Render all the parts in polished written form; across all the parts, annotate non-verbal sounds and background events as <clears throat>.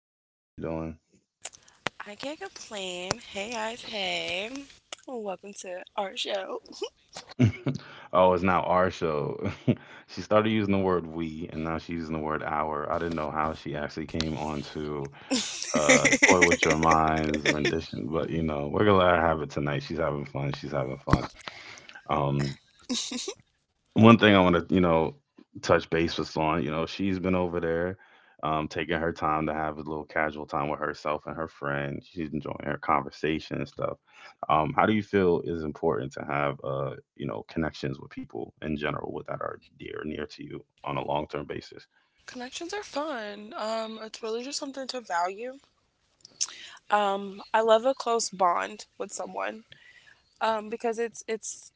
Shay. How you doing? I can't complain. Hey guys, hey. Welcome to our show. <laughs> Oh, it's now our show. <laughs> She started using the word we, and now she's using the word our. I didn't know how she actually came onto <laughs> Core With Your Mind's rendition, but, you know, we're going to let her have it tonight. She's having fun. She's having fun. Um, one thing I want to, you know, touch base with on. You know, she's been over there, taking her time to have a little casual time with herself and her friend. She's enjoying her conversation and stuff. How do you feel is important to have, you know, connections with people in general with that are dear near to you on a long term basis? Connections are fun. It's really just something to value. I love a close bond with someone. Because it's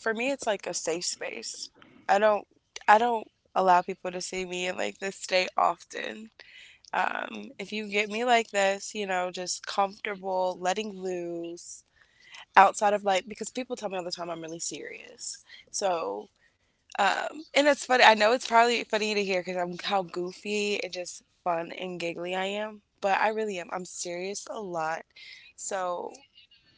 for me, it's like a safe space. I don't I don't allow people to see me in like this state often. If you get me like this, you know, just comfortable, letting loose outside of, like, because people tell me all the time I'm really serious. So, and it's funny. I know it's probably funny to hear because I'm how goofy and just fun and giggly I am, but I really am. I'm serious a lot. So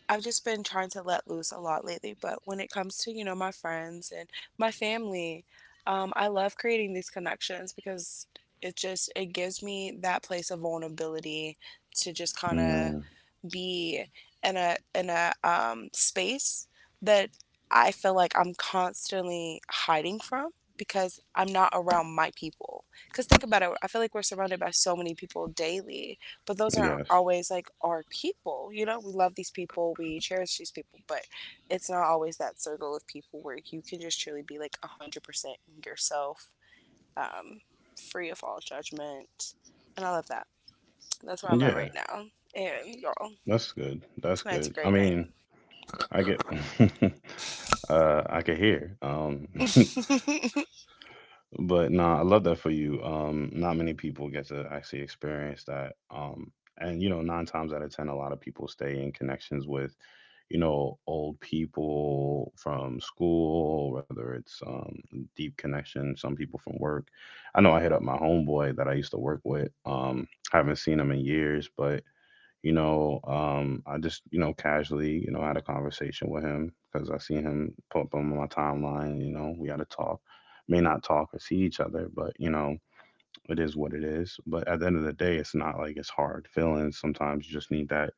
I've just been trying to let loose a lot lately. But when it comes to, you know, my friends and my family, I love creating these connections because it gives me that place of vulnerability to just kind of Mm, be in a space that I feel like I'm constantly hiding from because I'm not around my people. Because think about it, I feel like we're surrounded by so many people daily, but those aren't yes. always like our people. You know, we love these people, we cherish these people, but it's not always that circle of people where you can just truly be like 100% yourself, um, free of all judgment. And I love that. That's where I'm at Yeah. right now. And y'all, That's good. <laughs> That's tonight's a good. I great night. mean, I <laughs> I could hear. <laughs> But nah, I love that for you. Not many people get to actually experience that. And you know, nine times out of ten, a lot of people stay in connections with you know old people from school, whether it's deep connection, some people from work. I know I hit up my homeboy that I used to work with. I haven't seen him in years, but you know, I just, you know, casually, you know, had a conversation with him because I seen him pop up on my timeline. You know, we had a talk. May not talk or see each other, but, you know, it is what it is. But at the end of the day, it's not like it's hard feelings. Sometimes you just need that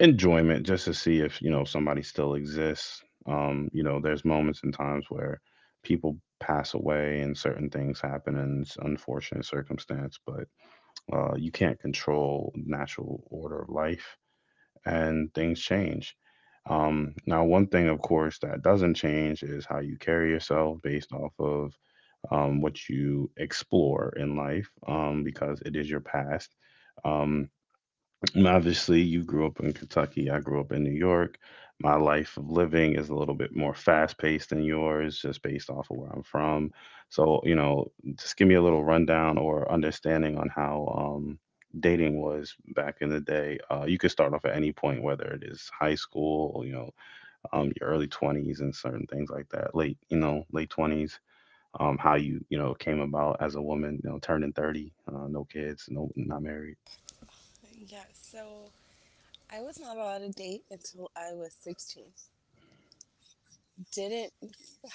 enjoyment just to see if, you know, somebody still exists. You know, there's moments and times where people pass away and certain things happen and it's unfortunate circumstance, but you can't control natural order of life and things change. Now, one thing, of course, that doesn't change is how you carry yourself based off of what you explore in life, because it is your past. Um, and obviously, you grew up in Kentucky. I grew up in New York. My life of living is a little bit more fast paced than yours, just based off of where I'm from. So, you know, just give me a little rundown or understanding on how dating was back in the day. You could start off at any point, whether it is high school, or, you know, your early 20s and certain things like that, late, you know, late 20s. How you, you know, came about as a woman, you know, turning 30, no kids, no, not married. <laughs> Yeah, so I was not allowed to date until I was 16. Didn't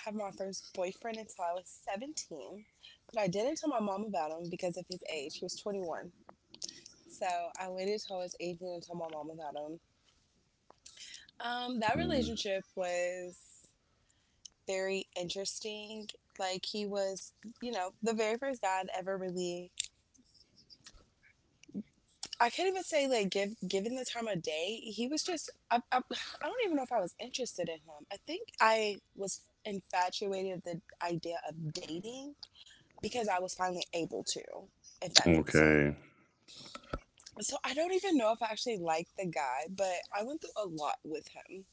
have my first boyfriend until I was 17, but I didn't tell my mom about him because of his age. He was 21. So I waited till I was 18 to tell my mom about him. That Mm, relationship was very interesting. Like, he was, you know, the very first guy I'd ever really, I can't even say like give, given the time of day. He was just, I don't even know if I was interested in him. I think I was infatuated with the idea of dating because I was finally able to, if that makes sense. okay. So I don't even know if I actually liked the guy, but I went through a lot with him.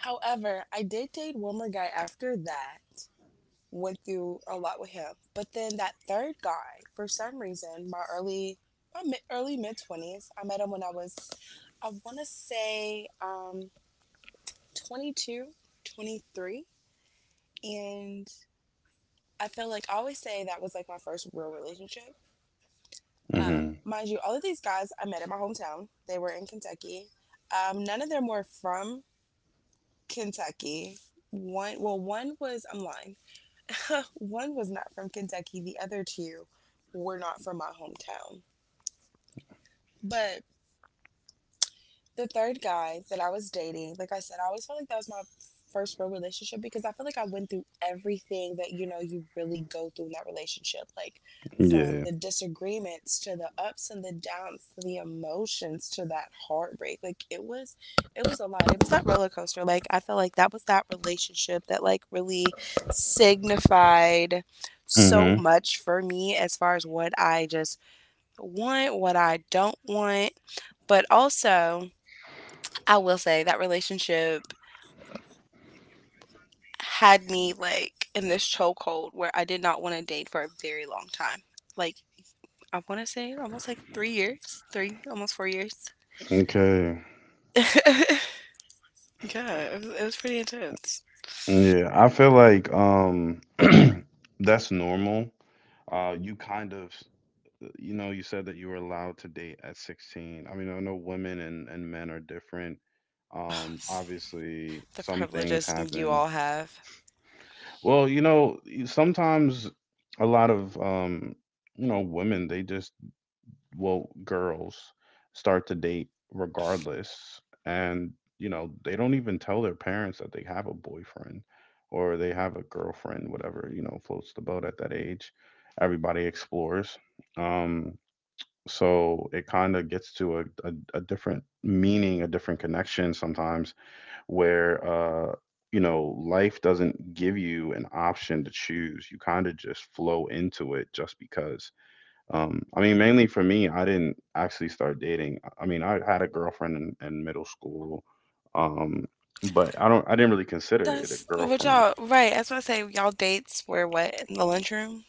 However, I did date one more guy after that, went through a lot with him. But then that third guy, for some reason, my mid twenties, I met him when I was, I want to say, 22, 23, and I feel like I always say that was like my first real relationship. Um, Mhm. mind you, all of these guys I met in my hometown. They were in Kentucky. None of them were from Kentucky. One, well, one was, I'm lying. <laughs> One was not from Kentucky, the other two were not from my hometown. But the third guy that I was dating, like I said, I always felt like that was my first real relationship because I feel like I went through everything that, you know, you really go through in that relationship, like from Yeah. the disagreements to the ups and the downs to the emotions to that heartbreak. Like it was a lot. It was that roller coaster. Like I felt like that was that relationship that like really signified so Mhm. much for me as far as what I just want, what I don't want, but also, I will say that relationship had me like in this chokehold where I did not want to date for a very long time. Like, I want to say almost like 3 years, three almost 4 years. Okay. <laughs> Yeah, it was pretty intense. Yeah, I feel like <clears throat> that's normal. Uh, you kind of you know, you said that you were allowed to date at 16. I mean, I know women and men are different. Obviously The some things privileges you happen. all have. Well, you know, sometimes a lot of you know, women, they just woke girls start to date regardless. And, you know, they don't even tell their parents that they have a boyfriend or they have a girlfriend, whatever, you know, floats the boat at that age. Everybody explores. Um, so it kind of gets to a different meaning, a different connection sometimes where, you know, life doesn't give you an option to choose. You kind of just flow into it just because. I mean, mainly for me, I didn't actually start dating. I mean, I had a girlfriend in middle school, um, but I don't. I didn't really consider it a That's what girlfriend. y'all right. That's what I say. Y'all dates were what, in the lunchroom?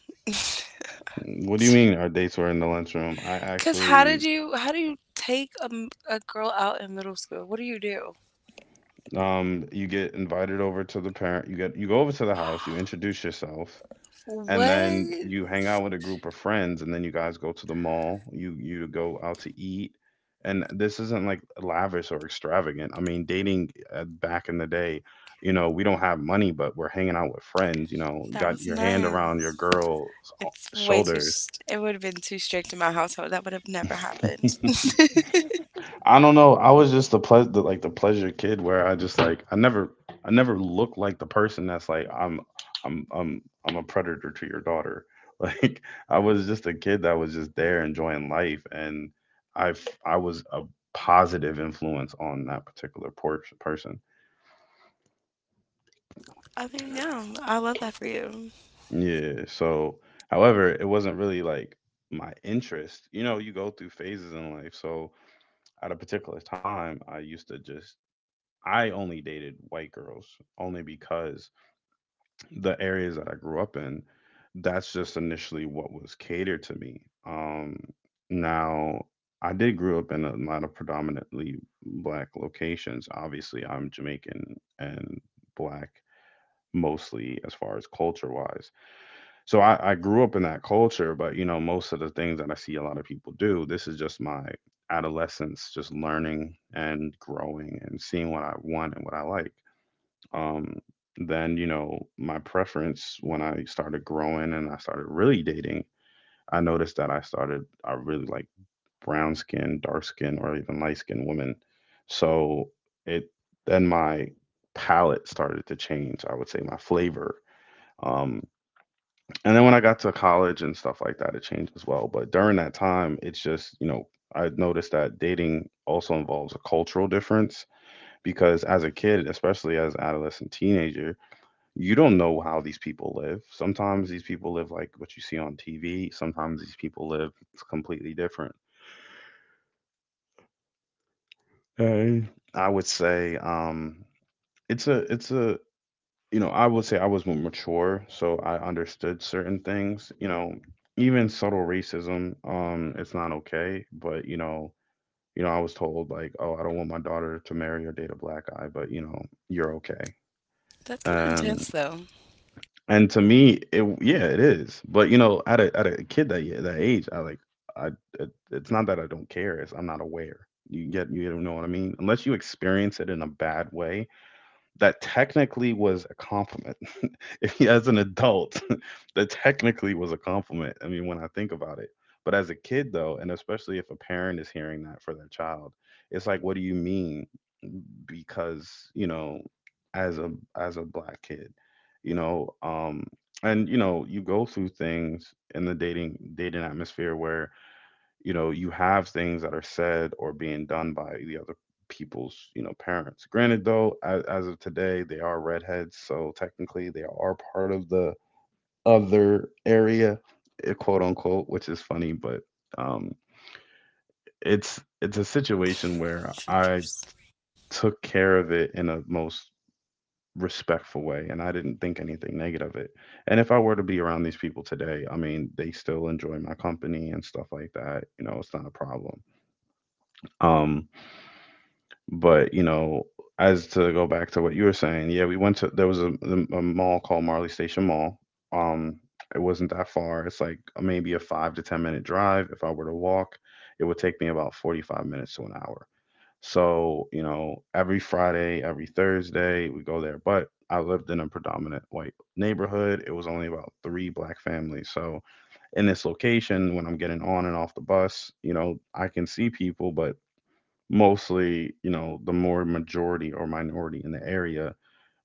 <laughs> What do you mean our dates were in the lunchroom? Cause how did you how do you take a girl out in middle school? What do you do? You get invited over to the parent. You get you go over to the house. You <gasps> introduce yourself, and then What? you hang out with a group of friends, and then you guys go to the mall. You go out to eat, and this isn't like lavish or extravagant. I mean dating back in the day, you know we don't have money, but we're hanging out with friends. You know, you That got was your hand around your nice. girl's uh, shoulders. It would have been too strict in my household. That would have never happened. <laughs> I don't know. I was just the, like the pleasure kid where I just like I never looked like the person that's like I'm I'm a predator to your daughter. <laughs> Like I was just a kid that was just there enjoying life, and I was a positive influence on that particular person. <laughs> I mean, yeah, I love that for you. Yeah. So however, it wasn't really like my interest. You know, you go through phases in life. So at a particular time, I used to just I only dated white girls, only because the areas that I grew up in, that's just initially what was catered to me. Um, now, I did grow up in a lot of predominantly black locations. Obviously, I'm Jamaican and black mostly as far as culture wise. So I grew up in that culture, but you know, most of the things that I see a lot of people do, this is just my adolescence, just learning and growing and seeing what I want and what I like. Um, then, you know, my preference when I started growing and I started really dating, I noticed that I started, I really like brown skin, dark skin, or even light skinned women. So it, then my palette started to change, I would say my flavor. Um, and then when I got to college and stuff like that, it changed as well. But during that time, it's just, you know, I noticed that dating also involves a cultural difference, because as a kid, especially as an adolescent teenager, you don't know how these people live. Sometimes these people live like what you see on TV. Sometimes these people live completely different. And I would say it's a you know I would say I was more mature, so I understood certain things. You know, even subtle racism, it's not okay. But you know, I was told like, oh, I don't want my daughter to marry or date a black guy, but you know, you're okay. That's kind of And intense, though. And to me, it yeah, it is. But you know, at a kid that that age, I like I it, it's not that I don't care. It's I'm not aware. You get you know what I mean? Unless you experience it in a bad way, that technically was a compliment. <laughs> if you- as an adult, <laughs> that technically was a compliment. I mean, when I think about it. But as a kid, though, and especially if a parent is hearing that for their child, it's like, what do you mean? Because you know, as a as a black kid, you know, and you know, you go through things in the dating atmosphere where you know you have things that are said or being done by the other people's you know parents. Granted though, as of today they are redheads, so technically they are part of the other area, quote unquote, which is funny. But um it's a situation where I Gingers. took care of it in a most respectful way, and I didn't think anything negative of it. And if I were to be around these people today, I mean they still enjoy my company and stuff like that. You know, it's not a problem. um But you know, as to go back to what you were saying, yeah, we went to there was a mall called Marley Station Mall. Um, it wasn't that far. It's like maybe a 5 to 10 minute drive. If I were to walk, it would take me about 45 minutes to an hour. So you know, every Friday, every Thursday, we go there. But I lived in a predominant white neighborhood. It was only about three black families. So in this location when I'm getting on and off the bus, you know, I can see people, but mostly, you know, the more majority or minority in the area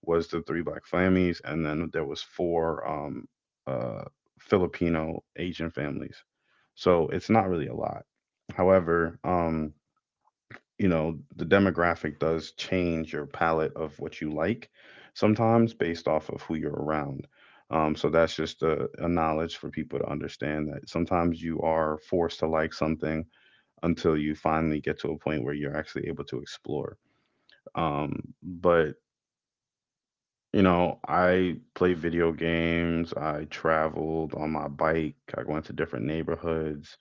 was the three black families, and then there was four uh, Filipino Asian families. So it's not really a lot. However, you know, the demographic does change your palette of what you like sometimes based off of who you're around. So that's just a knowledge for people to understand that sometimes you are forced to like something until you finally get to a point where you're actually able to explore. But you know, I play video games. I traveled on my bike. I went to different neighborhoods.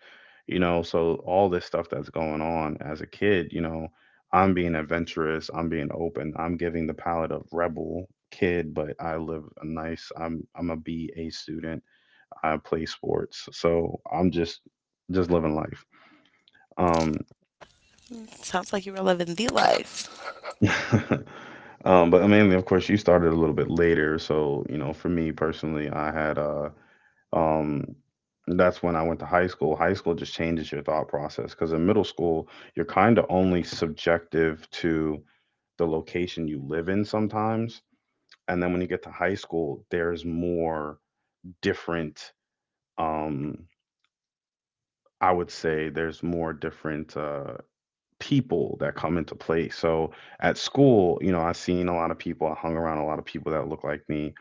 You know, so all this stuff that's going on as a kid, I'm being adventurous. I'm being open. I'm giving the palette of rebel kid, but I live a nice. I'm a BA student. I play sports, so I'm just living life. Um, Sounds like you were living the life. <laughs> But mainly, of course, you started a little bit later. So, you know, for me personally, I had um, that's when I went to high school. High school just changes your thought process because in middle school, you're kind of only subjective to the location you live in sometimes. And then when you get to high school, there's more different, um, I would say, there's more different. People that come into play. So at school, you know, I seen a lot of people, I hung around a lot of people that look like me.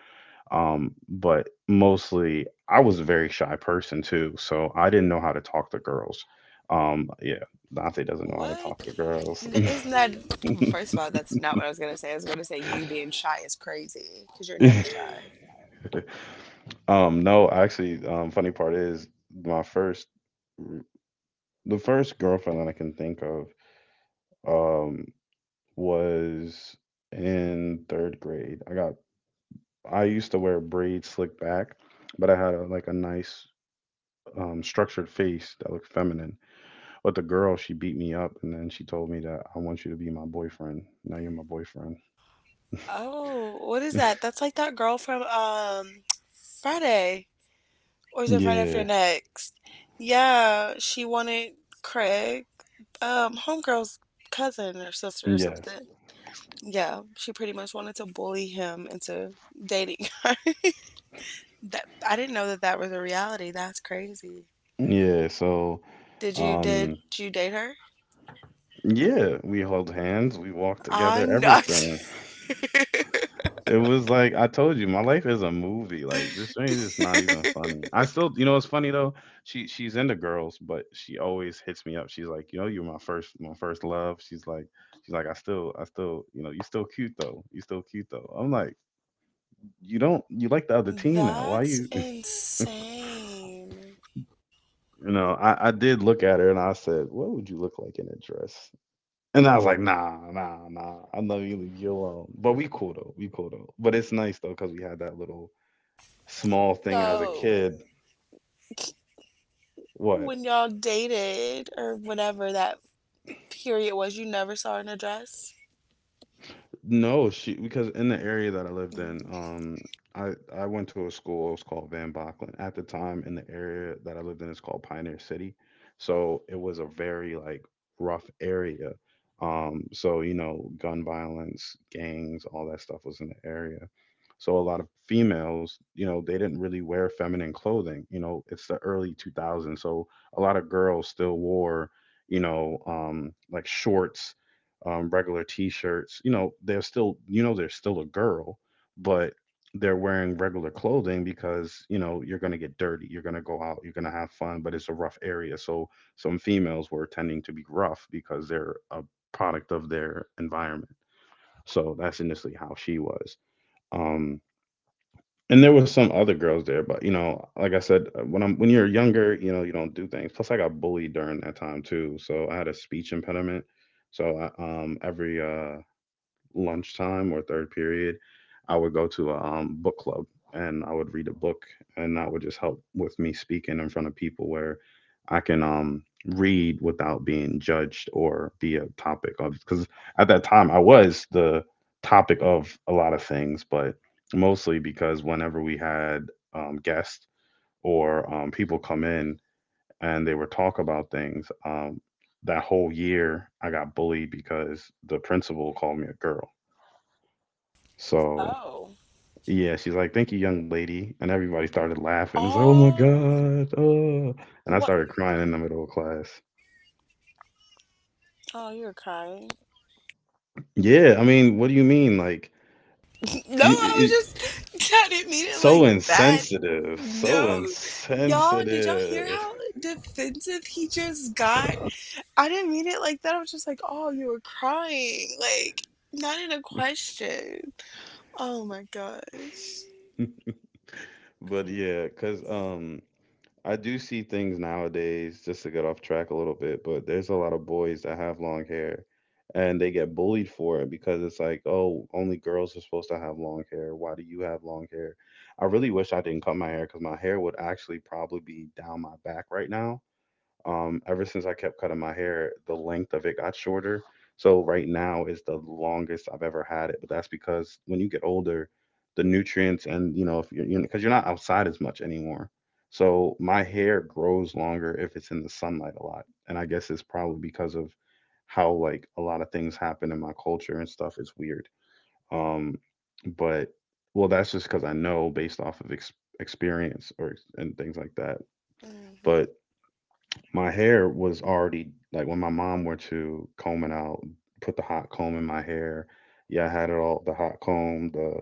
But mostly I was a very shy person too. So I didn't know how to talk to girls. Yeah, Dante doesn't know how to talk What? to girls. N- isn't that? First of all, that's not what I was gonna say. I was gonna say you being shy is crazy because you're never shy. <laughs> No, actually, funny part is my first, the first girlfriend that I can think of, um, was in third grade. I used to wear braids slick back, but I had a, like a nice structured face that looked feminine. But the girl, she beat me up, and then she told me that I want you to be my boyfriend. Now you're my boyfriend. Oh, what is that? That's like that girl from Friday, or is it Friday after Yeah. next? Yeah, she wanted Craig, homegirl's cousin or sister or Yes. something. Yeah, she pretty much wanted to bully him into dating her. <laughs> That, I didn't know that that was a reality. That's crazy. Yeah. So, Did um, you date her? yeah, we held hands, we walked together, I'm not. everything. <laughs> It was like I told you, my life is a movie. Like this thing is not even funny. I still, you know, it's funny though. She's into girls, but she always hits me up. She's like, you know, you're my first love. She's like, I still, you know, you still cute though. You still cute though. I'm like, you don't you like the other team now? Why That's you? <laughs> insane. You know, I did look at her and I said, what would you look like in a dress? And I was like, nah, nah, nah. I know you leave you alone. But we cool though. We cool though. But it's nice though because we had that little small thing as a So kid. What? when y'all dated or whatever that period was, you never saw her in a dress. No, she because in the area that I lived in, Mm. I went to a school. It was called Van Bocklin at the time. In the area that I lived in, it's called Pioneer City. So it was a very like rough area. So you know, gun violence, gangs, all that stuff was in the area. So a lot of females, you know, they didn't really wear feminine clothing. You know, it's the early 2000s, so a lot of girls still wore, you know, like shorts, regular t-shirts. You know, they're still, you know, they're still a girl, but they're wearing regular clothing because you know you're going to get dirty, you're going to go out, you're going to have fun, but it's a rough area, so some females were tending to be rough because they're a product of their environment, so that's initially how she was. Um, and there was some other girls there, but you know, like I said, when I'm when you're younger, you know, you don't do things. Plus, I got bullied during that time too, so I had a speech impediment. So every lunchtime or third period, I would go to a book club and I would read a book, and that would just help with me speaking in front of people where I can read without being judged or be a topic of. Because at that time, I was the topic of a lot of things, but mostly because whenever we had guests or people come in and they would talk about things, that whole year I got bullied because the principal called me a girl. So Oh, yeah, she's like, "Thank you, young lady," and everybody started laughing. It's like, "Oh my all, god!" Oh, and I what? started crying in the middle of class. Oh, you are crying. Yeah, I mean, what do you mean? Like, No, you, I you, was just. <laughs> I didn't mean it so like that. insensitive, so No, y'all, did y'all hear insensitive. how <laughs> defensive he just got? I didn't mean it like that. I was just like, oh, you were crying, like not in a question. Oh my gosh. But yeah, cause I do see things nowadays, just to get off track a little bit, but there's a lot of boys that have long hair and they get bullied for it because it's like, oh, only girls are supposed to have long hair. Why do you have long hair? I really wish I didn't cut my hair because my hair would actually probably be down my back right now. Ever since I kept cutting my hair, the length of it got shorter. So right now is the longest I've ever had it, but that's because when you get older, the nutrients and you know if you're because you're not outside as much anymore. So my hair grows longer if it's in the sunlight a lot, and I guess it's probably because of how like a lot of things happen in my culture and stuff is weird. Um, but well, that's just because I know based off of and things like that. Hmm. But my hair was already like when my mom went to comb it out, put the hot comb in my hair. Yeah, I had it all the hot comb, the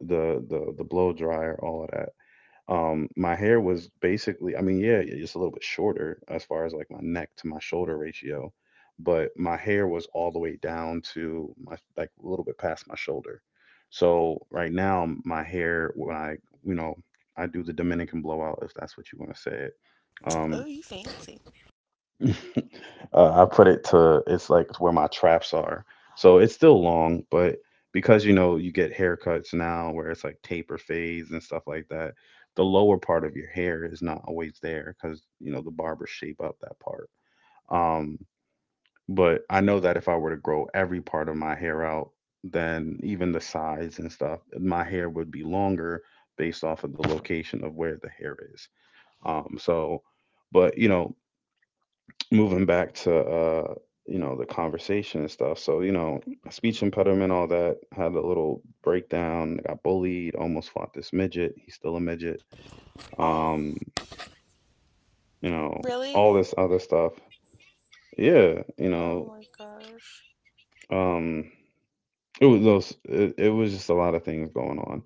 the the the blow dryer, all of that. My hair was basically, I mean, yeah, just a little bit shorter as far as like my neck to my shoulder ratio, but my hair was all the way down to my like a little bit past my shoulder. So right now, my hair when I, you know, I do the Dominican blowout if that's what you want to say it. Um, Oh, you fancy? <laughs> I put it to it's like where my traps are. So it's still long, but because you know you get haircuts now where it's like taper fades and stuff like that, the lower part of your hair is not always there because you know the barbers shape up that part. Um, but I know that if I were to grow every part of my hair out, then even the sides and stuff, my hair would be longer based off of the location of where the hair is. Um, so, but you know, moving back to you know the conversation and stuff, so you know, speech impediment, all that, had a little breakdown, got bullied, almost fought this midget, he's still a midget, Oh, um you know really? all this other stuff, yeah you Oh know, my gosh. um it was those it, it was just a lot of things going on.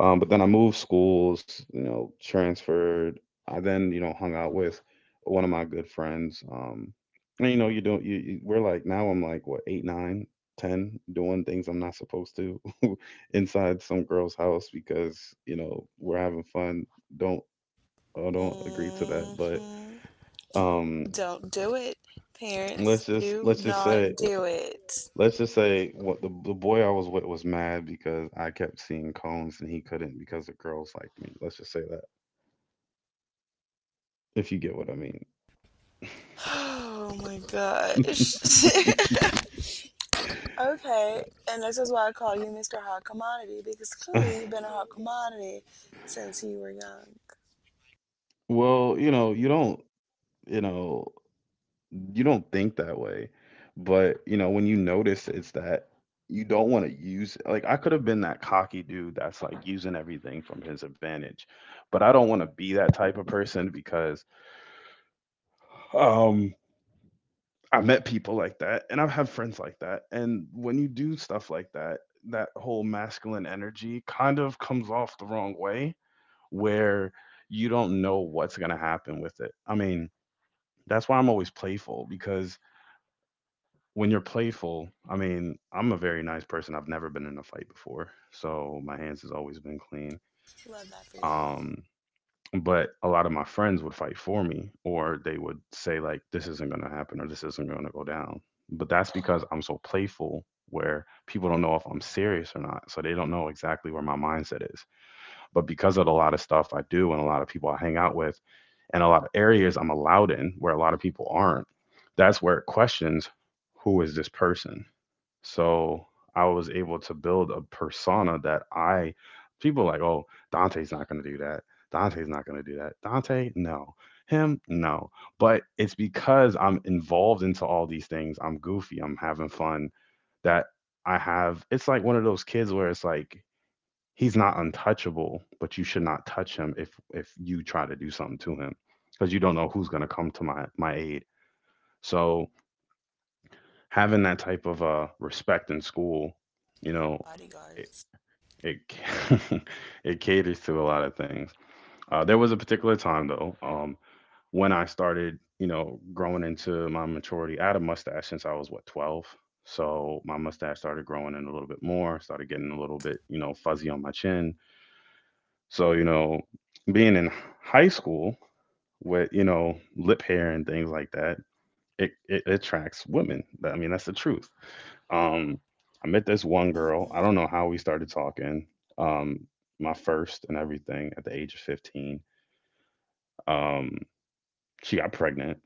But then I moved schools, you know, transferred. I then, you know, hung out with one of my good friends. And you know, you don't, you we're like, now I'm like what, eight, nine, ten, doing things I'm not supposed to <laughs> inside some girl's house because you know we're having fun. Don't, I don't agree to that. But Hmm. um, Don't do it, parents. let's just Do let's just say not do it. let's just say what the boy I was with was mad because I kept seeing cones and he couldn't because the girls liked me. Let's just say that, if you get what I mean. Oh my gosh. <laughs> <laughs> Okay, and this is why I call you Mr. Hot Commodity, because clearly you've been a hot commodity since you were young. Well, you know, you know, you don't think that way, but you know, when you notice it's that you don't want to use like I could have been that cocky dude that's like using everything from his advantage, but I don't want to be that type of person because um I met people like that and I've had friends like that, and when you do stuff like that, that whole masculine energy kind of comes off the wrong way where you don't know what's going to happen with it. I mean, that's why I'm always playful because when you're playful, I mean, I'm a very nice person. I've never been in a fight before. So my hands has always been clean. Love that for you. Um but a lot of my friends would fight for me, or they would say like this isn't going to happen or this isn't going to go down. But that's because I'm so playful where people don't know if I'm serious or not. So they don't know exactly where my mindset is. But because of a lot of stuff I do and a lot of people I hang out with and a lot of areas I'm allowed in where a lot of people aren't, that's where it questions who is this person? So I was able to build a persona that I, people are like, oh, Dante's not going to do that. Dante's not going to do that. Dante, no. Him, no. But it's because I'm involved into all these things. I'm goofy. I'm having fun that I have. It's like one of those kids where it's like he's not untouchable, but you should not touch him if you try to do something to him because you don't know who's going to come to my aid. So having that type of respect in school, you know, it Bodyguards. it, <laughs> it caters to a lot of things. There was a particular time though, when I started, you know, growing into my maturity. I had a mustache since I was what 12. So my mustache started growing in a little bit more, started getting a little bit, you know, fuzzy on my chin. So, you know, being in high school with, you know, lip hair and things like that, it attracts women. I mean, that's the truth. Um, I met this one girl. Mm-hmm. I don't know how we started talking. Um, my first and everything at the age of 15. Um, she got pregnant.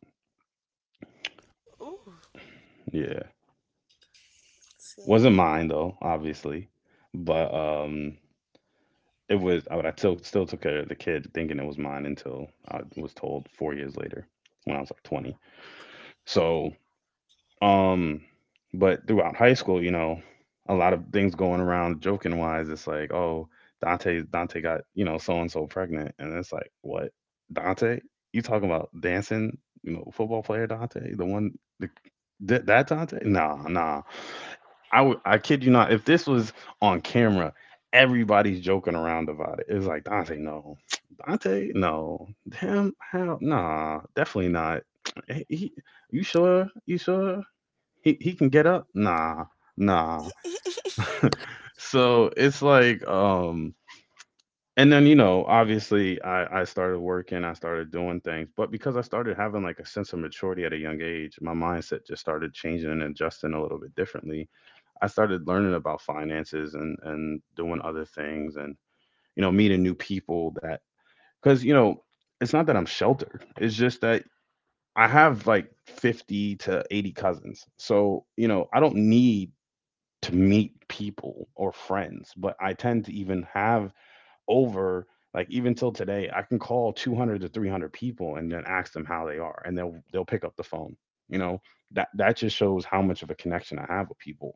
Ooh, Yeah. see. Wasn't mine though, obviously. But it was I still took care of the kid thinking it was mine until I was told four years later when I was like 20. So Um, but throughout high school, you know, a lot of things going around joking wise. It's like, oh, Dante got you know so and so pregnant, and it's like, what, Dante? You talking about dancing? You know, football player Dante, the one, the, that Dante? Nah, nah. I would, I kid you not. If this was on camera, everybody's joking around about it. It's like Dante, no, <tsk> Dante, no, damn, how? Nah, definitely not. <tsk> He- he- you sure? You sure? He can get up? Nah, nah. So it's like and then you know, obviously I started working, I started doing things, but because I started having like a sense of maturity at a young age, my mindset just started changing and adjusting a little bit differently. I started learning about finances and doing other things and you know, meeting new people that cuz you know, it's not that I'm sheltered. It's just that I have like 50 to 80 cousins. So, you know, I don't need to meet people or friends, but I tend to even have over like even till today, I can call 200 to 300 people and then ask them how they are, and they'll pick up the phone. You know that just shows how much of a connection I have with people.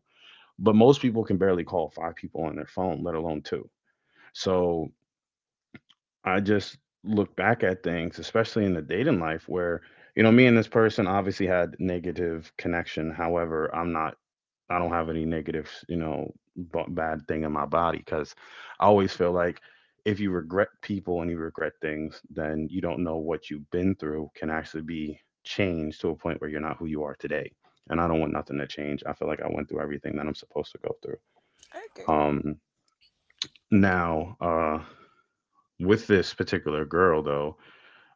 But most people can barely call five people on their phone, let alone two. So I just look back at things, especially in the dating life, where you know me and this person obviously had negative connection. However, I don't have any negative, you know, bad thing in my body because I always feel like if you regret people and you regret things, then you don't know what you've been through can actually be changed to a point where you're not who you are today. And I don't want nothing to change. I feel like I went through everything that I'm supposed to go through. I agree. Um, now, uh, with this particular girl, though,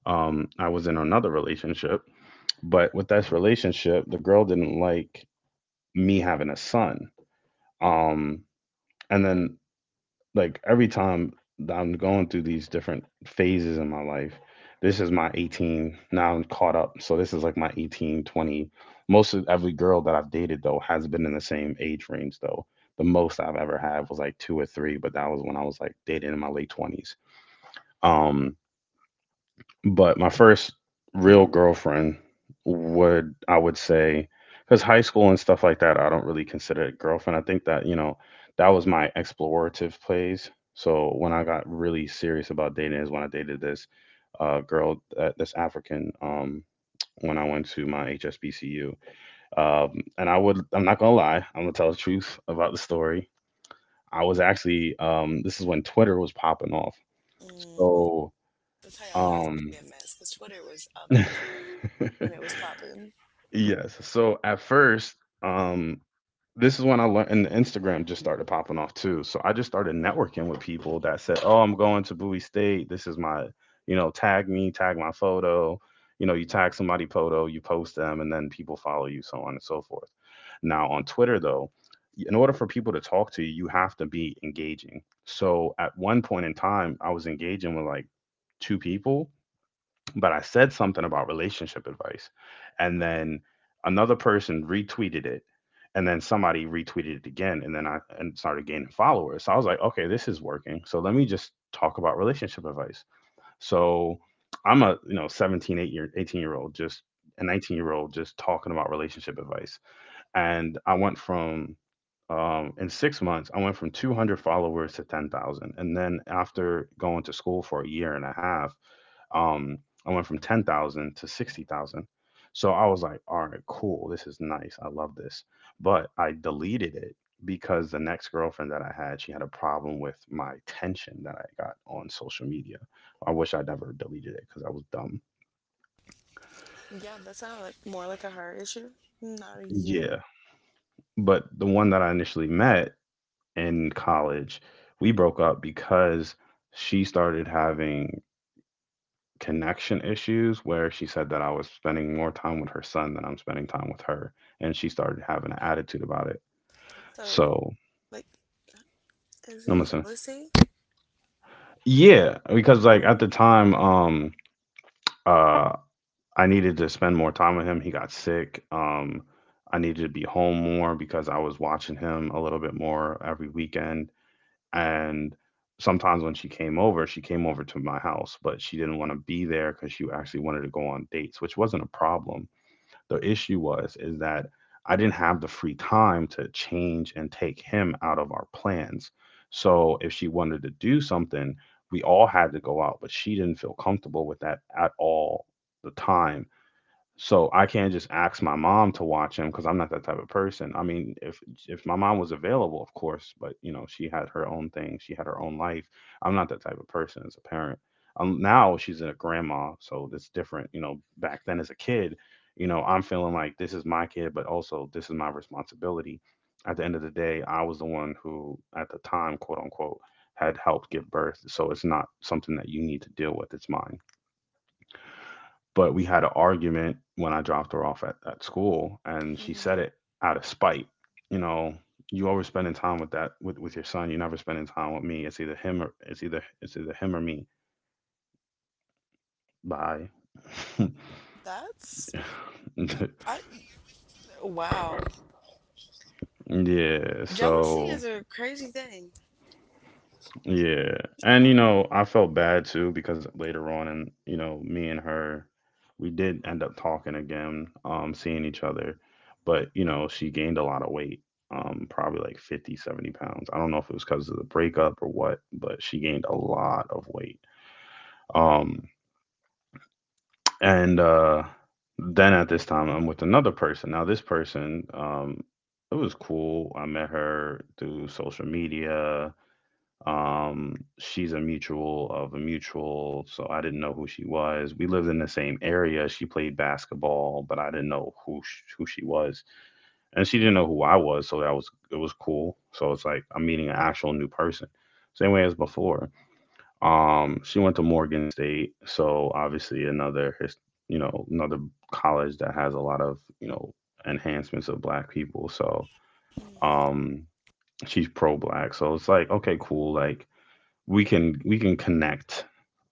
I was in another relationship, but with this relationship, the girl didn't like me having a son. Um, and then like every time that I'm going through these different phases in my life, this is my 18. Now I'm caught up. So this is like my 18-20. Most of every girl that I've dated though has been in the same age range though. The most I've ever had was like two or three, but that was when I was like dating in my late 20s. Um, but my first real girlfriend would, I would say, because high school and stuff like that, I don't really consider it girlfriend. I think that, you know, that was my explorative phase. So when I got really serious about dating is when I dated this girl, this African, when I went to my HSBCU. Um, and I would, I'm not gonna lie, I'm gonna tell the truth about the story. I was actually, this is when Twitter was popping off. Mm. So, That's how y'all know it's gonna um, be a mess, because Twitter was a mess when it <laughs> was popping. Yes. So at first, um, this is when I learned, and Instagram just started popping off too. So I just started networking with people that said, "Oh, I'm going to Bowie State. This is my, you know, tag me, tag my photo. You know, you tag somebody photo, you post them, and then people follow you, so on and so forth." Now on Twitter, though, in order for people to talk to you, you have to be engaging. So at one point in time, I was engaging with like two people but I said something about relationship advice. And then another person retweeted it. And then somebody retweeted it again. And then I and started gaining followers. So I was like, okay, this is working. So let me just talk about relationship advice. So I'm a, you know, 17, 8 year, 18-year-old, just a 19-year-old just talking about relationship advice. And I went from in 6 months, I went from 200 followers to 10,000. And then after going to school for a year and a half, um, I went from 10,000 to 60,000. So I was like, all right, cool. This is nice. I love this. But I deleted it because the next girlfriend that I had, she had a problem with my tension that I got on social media. I wish I never deleted it because I was dumb. Yeah, that sounded like more like a her issue, not a you. Yeah. But the one that I initially met in college, we broke up because she started having connection issues where she said that I was spending more time with her son than I'm spending time with her. And she started having an attitude about it. So, So like, is I'm in listening. jealousy. Yeah, because like at the Mm-hmm. time, uh, I needed to spend more time with him. He got sick. I needed to be home more because I was watching him a little bit more every weekend. And sometimes when she came over to my house, but she didn't want to be there because she actually wanted to go on dates, which wasn't a problem. The issue was is that I didn't have the free time to change and take him out of our plans. So if she wanted to do something, we all had to go out, but she didn't feel comfortable with that at all the time, so I can't just ask my mom to watch him because I'm not that type of person. I mean, if my mom was available, of course, but you know, she had her own thing, she had her own life. I'm not that type of person as a parent. Now she's a grandma, so it's different. You know, back then as a kid, you know, I'm feeling like this is my kid, but also this is my responsibility. At the end of the day, I was the one who, at the time, quote unquote, had helped give birth. So it's not something that you need to deal with. It's mine, but we had an argument when I dropped her off at school and she said it out of spite. You know, you always spending time with that with your son, you're never spending time with me. It's either him or it's either him or me. Bye. That's, <laughs> I. Wow. yeah. Jealousy So is a crazy thing. Yeah. And you know, I felt bad too because later on and you know, me and her we did end up talking again, seeing each other. But, you know, she gained a lot of weight. Probably like 50, 70 pounds. I don't know if it was because of the breakup or what, but she gained a lot of weight. Um, and then at this time I'm with another person. Now this person, it was cool. I met her through social media. She's a mutual of a mutual, so I didn't know who she was. We lived in the same area. She played basketball, but I didn't know who who she was, and she didn't know who I was. So that was it was cool. So it's like I'm meeting an actual new person, same way as before. She went to Morgan State, so obviously another his, you know another college that has a lot of you know enhancements of black people. So Mhm. um, she's pro black, so it's like okay, cool, like we can connect.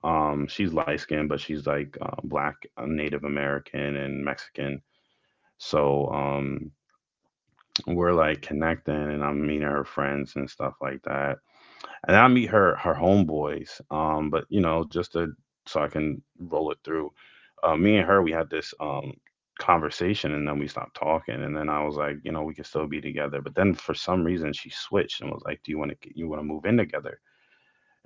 She's light skinned, but she's like black, Native American, and Mexican. So we're like connecting, and I'm meeting her friends and stuff like that. And I meet her homeboys. But you know, just to so I can roll it through. Me and her, we had this conversation, and then we stopped talking. And then I was like, we could still be together. But then for some reason, she switched and was like, "Do you want to move in together?"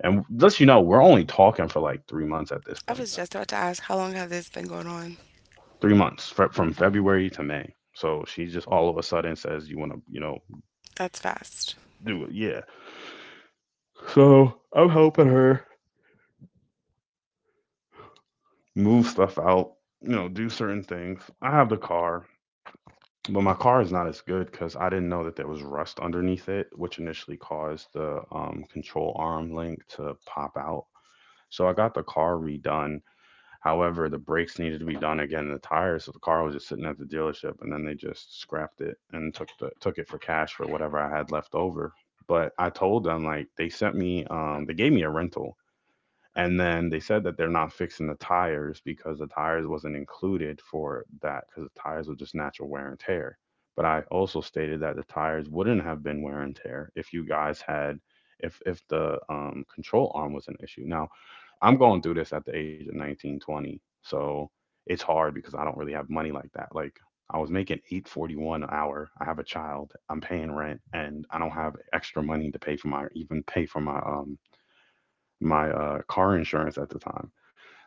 And thus, we're only talking for like 3 months at this I point. was just about to ask how long has this been going on? 3 months from February to May. So she just all of a sudden says, "You want to That's fast. do it." Yeah. So I'm helping her move stuff out. You know, do certain things. I have the car, but my car is not as good because I didn't know that there was rust underneath it, which initially caused the control arm link to pop out. So I got the car redone. However, the brakes needed to be done again, the tires, so the car was just sitting at the dealership, and then they just scrapped it and took it for cash for whatever I had left over. But I told them, like, they gave me a rental, and then they said that they're not fixing the tires because the tires wasn't included for that because the tires were just natural wear and tear. But I also stated that the tires wouldn't have been wear and tear if you guys had if the control arm was an issue. Now, I'm going through this at the age of 19, 20, so it's hard because I don't really have money like that. Like, I was making 841 an hour. I have a child, I'm paying rent, and I don't have extra money to pay for my even pay for my car insurance at the time.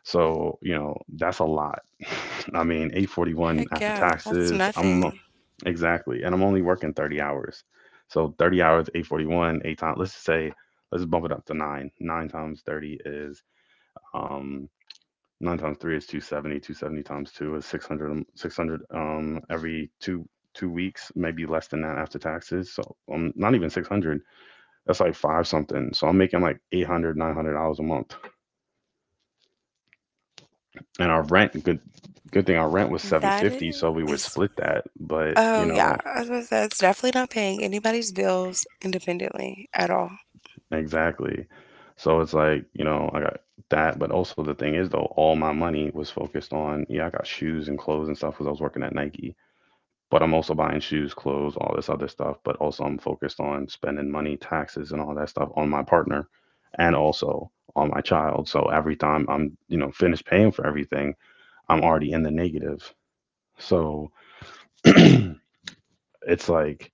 So, you know, that's a lot. <laughs> I mean, 8.41 Heck after yeah, that's taxes. I'm — nothing. exactly, and I'm only working 30 hours. So 30 hours, 8.41, eight times. Let's just say, let's bump it up to nine. Nine times 30 is, um nine times three is 270. 270 times two is 600. 600, every two weeks, maybe less than that after taxes. So, not even 600. That's like five something. So I'm making like eight hundred, 900 dollars a month. And our rent, good thing our rent was That 750, so i- we would is, split that, but you oh yeah, know — I was gonna say, it's definitely not paying anybody's bills independently at all. exactly. So it's like, you know, I got that. But also the thing is, though, all my money was focused on — yeah, I got shoes and clothes and stuff because I was working at Nike. But I'm also buying shoes, clothes, all this other stuff, but also I'm focused on spending money, taxes, and all that stuff on my partner, and also on my child. So every time I'm, you know, finished paying for everything, I'm already in the negative. So it's like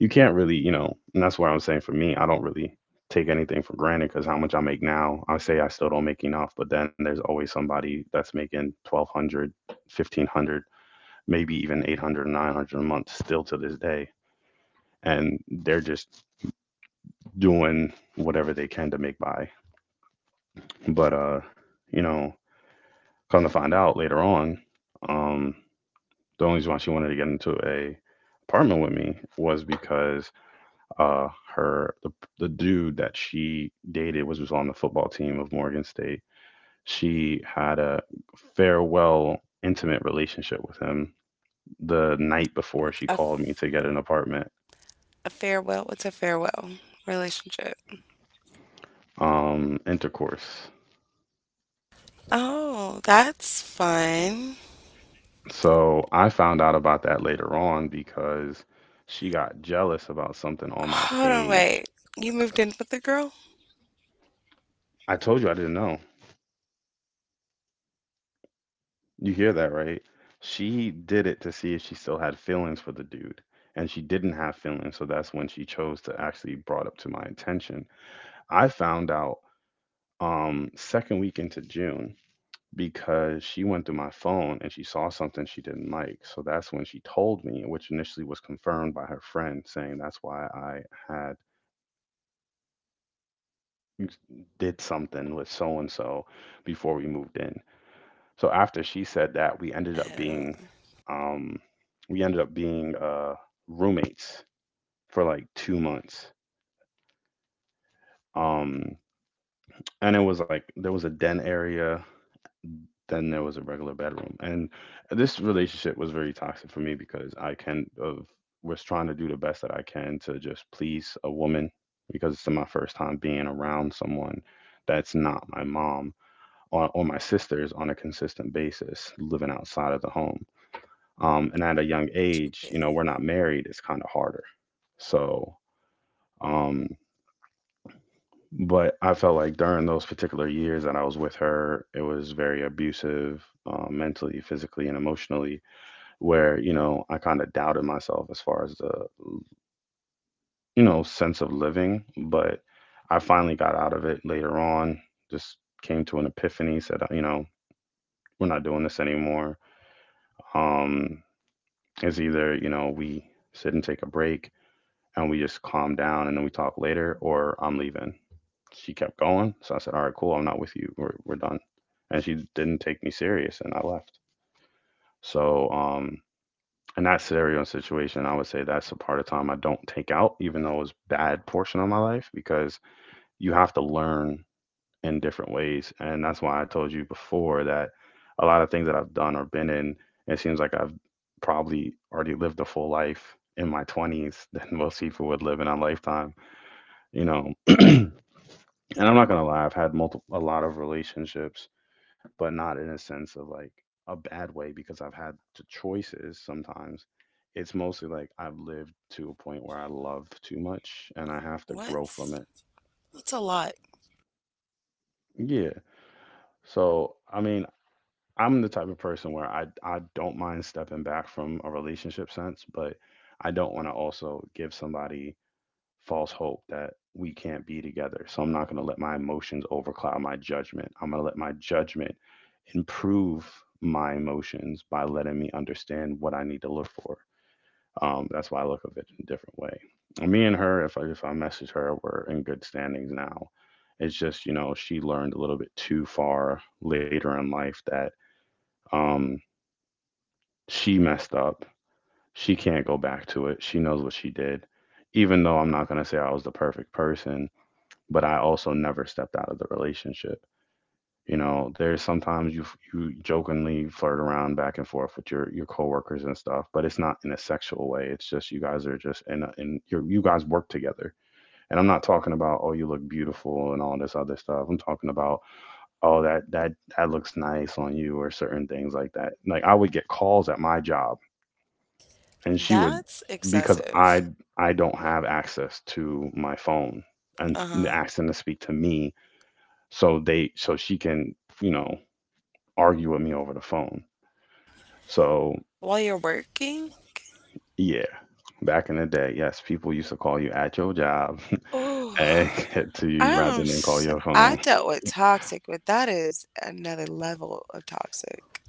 you can't really, you know. And that's why I'm saying, for me, I don't really take anything for granted, because how much I make now, I say I still don't make enough, but then there's always somebody that's making 1,200, 1,500, maybe even 800, 900 a month still to this day. And they're just doing whatever they can to make by. But, you know, come to find out later on, um, the only reason why she wanted to get into a apartment with me was because uh her the dude that she dated was on the football team of Morgan State. She had a farewell intimate relationship with him the night before she A, called me f- to get an apartment. a farewell, what's a farewell relationship? Intercourse. Oh, that's fun. So I found out about that later on because she got jealous about something on my Hold on, page. wait. You moved in with the girl? I told you I didn't know. You hear that, right? She did it to see if she still had feelings for the dude, and she didn't have feelings, so that's when she chose to actually brought up to my attention. I found out second week into June, because she went through my phone and she saw something she didn't like. So that's when she told me, which initially was confirmed by her friend saying that's why I had did something with so and so before we moved in. So after she said that, Oh, um, we ended up being roommates for like 2 months. Um, and it was like there was a den area, then there was a regular bedroom. And this relationship was very toxic for me because I kind of was trying to do the best that I can to just please a woman, because it's my first time being around someone that's not my mom or my sisters on a consistent basis living outside of the home, and at a young two age, you know, kids. we're not married. It's kind of harder. So, um, but I felt like during those particular years that I was with her, it was very abusive, mentally, physically, and emotionally. Where, you know, I kind of doubted myself as far as the, you know, sense of living. But I finally got out of it later on. Just came to an epiphany. Said, you know, we're not doing this anymore. Um, it's either, you know, we sit and take a break and we just calm down and then we talk later, or I'm leaving. She kept going. So I said, all right, cool. I'm not with you. We're done. And she didn't take me serious, and I left. So, um, in that scenario and situation, I would say that's the part of time I don't take out, even though it was a bad portion of my life, because you have to learn in different ways. And that's why I told you before that a lot of things that I've done or been in, it seems like I've probably already lived a full life in my 20s than <laughs> most people would live in a lifetime, you know. And I'm not gonna lie, I've had multiple a lot of relationships, but not in a sense of like a bad way, because I've had the choices. Sometimes it's mostly like I've lived to a point where I love too much and I have to grow from What's, it. what's a lot? Yeah. So I mean, I'm the type of person where I don't mind stepping back from a relationship sense, but I don't want to also give somebody false hope that we can't be together. So I'm not going to let my emotions overcloud my judgment. I'm going to let my judgment improve my emotions by letting me understand what I need to look for. That's why I look at it in a different way. And me and her, if I message her, we're in good standings now. It's just, you know, she learned a little bit too far later in life that, um, she messed up. She can't go back to it. She knows what she did. Even though I'm not gonna say I was the perfect person, but I also never stepped out of the relationship. You know, there's sometimes you jokingly flirt around back and forth with your coworkers and stuff, but it's not in a sexual way. It's just you guys are just in a, in you guys work together. And I'm not talking about, oh, you look beautiful and all this other stuff. I'm talking about, oh, that looks nice on you or certain things like that. Like, I would get calls at my job, and she would, That's because excessive. I don't have access to my phone, and Uh-huh. asking to speak to me, so she can, you know, argue with me over the phone. So, While you're working? yeah, back in the day, yes, people used to call you at your job <laughs> and Oh. get to you rather I'm than call s- your I phone. dealt with toxic, but that is another level of toxic.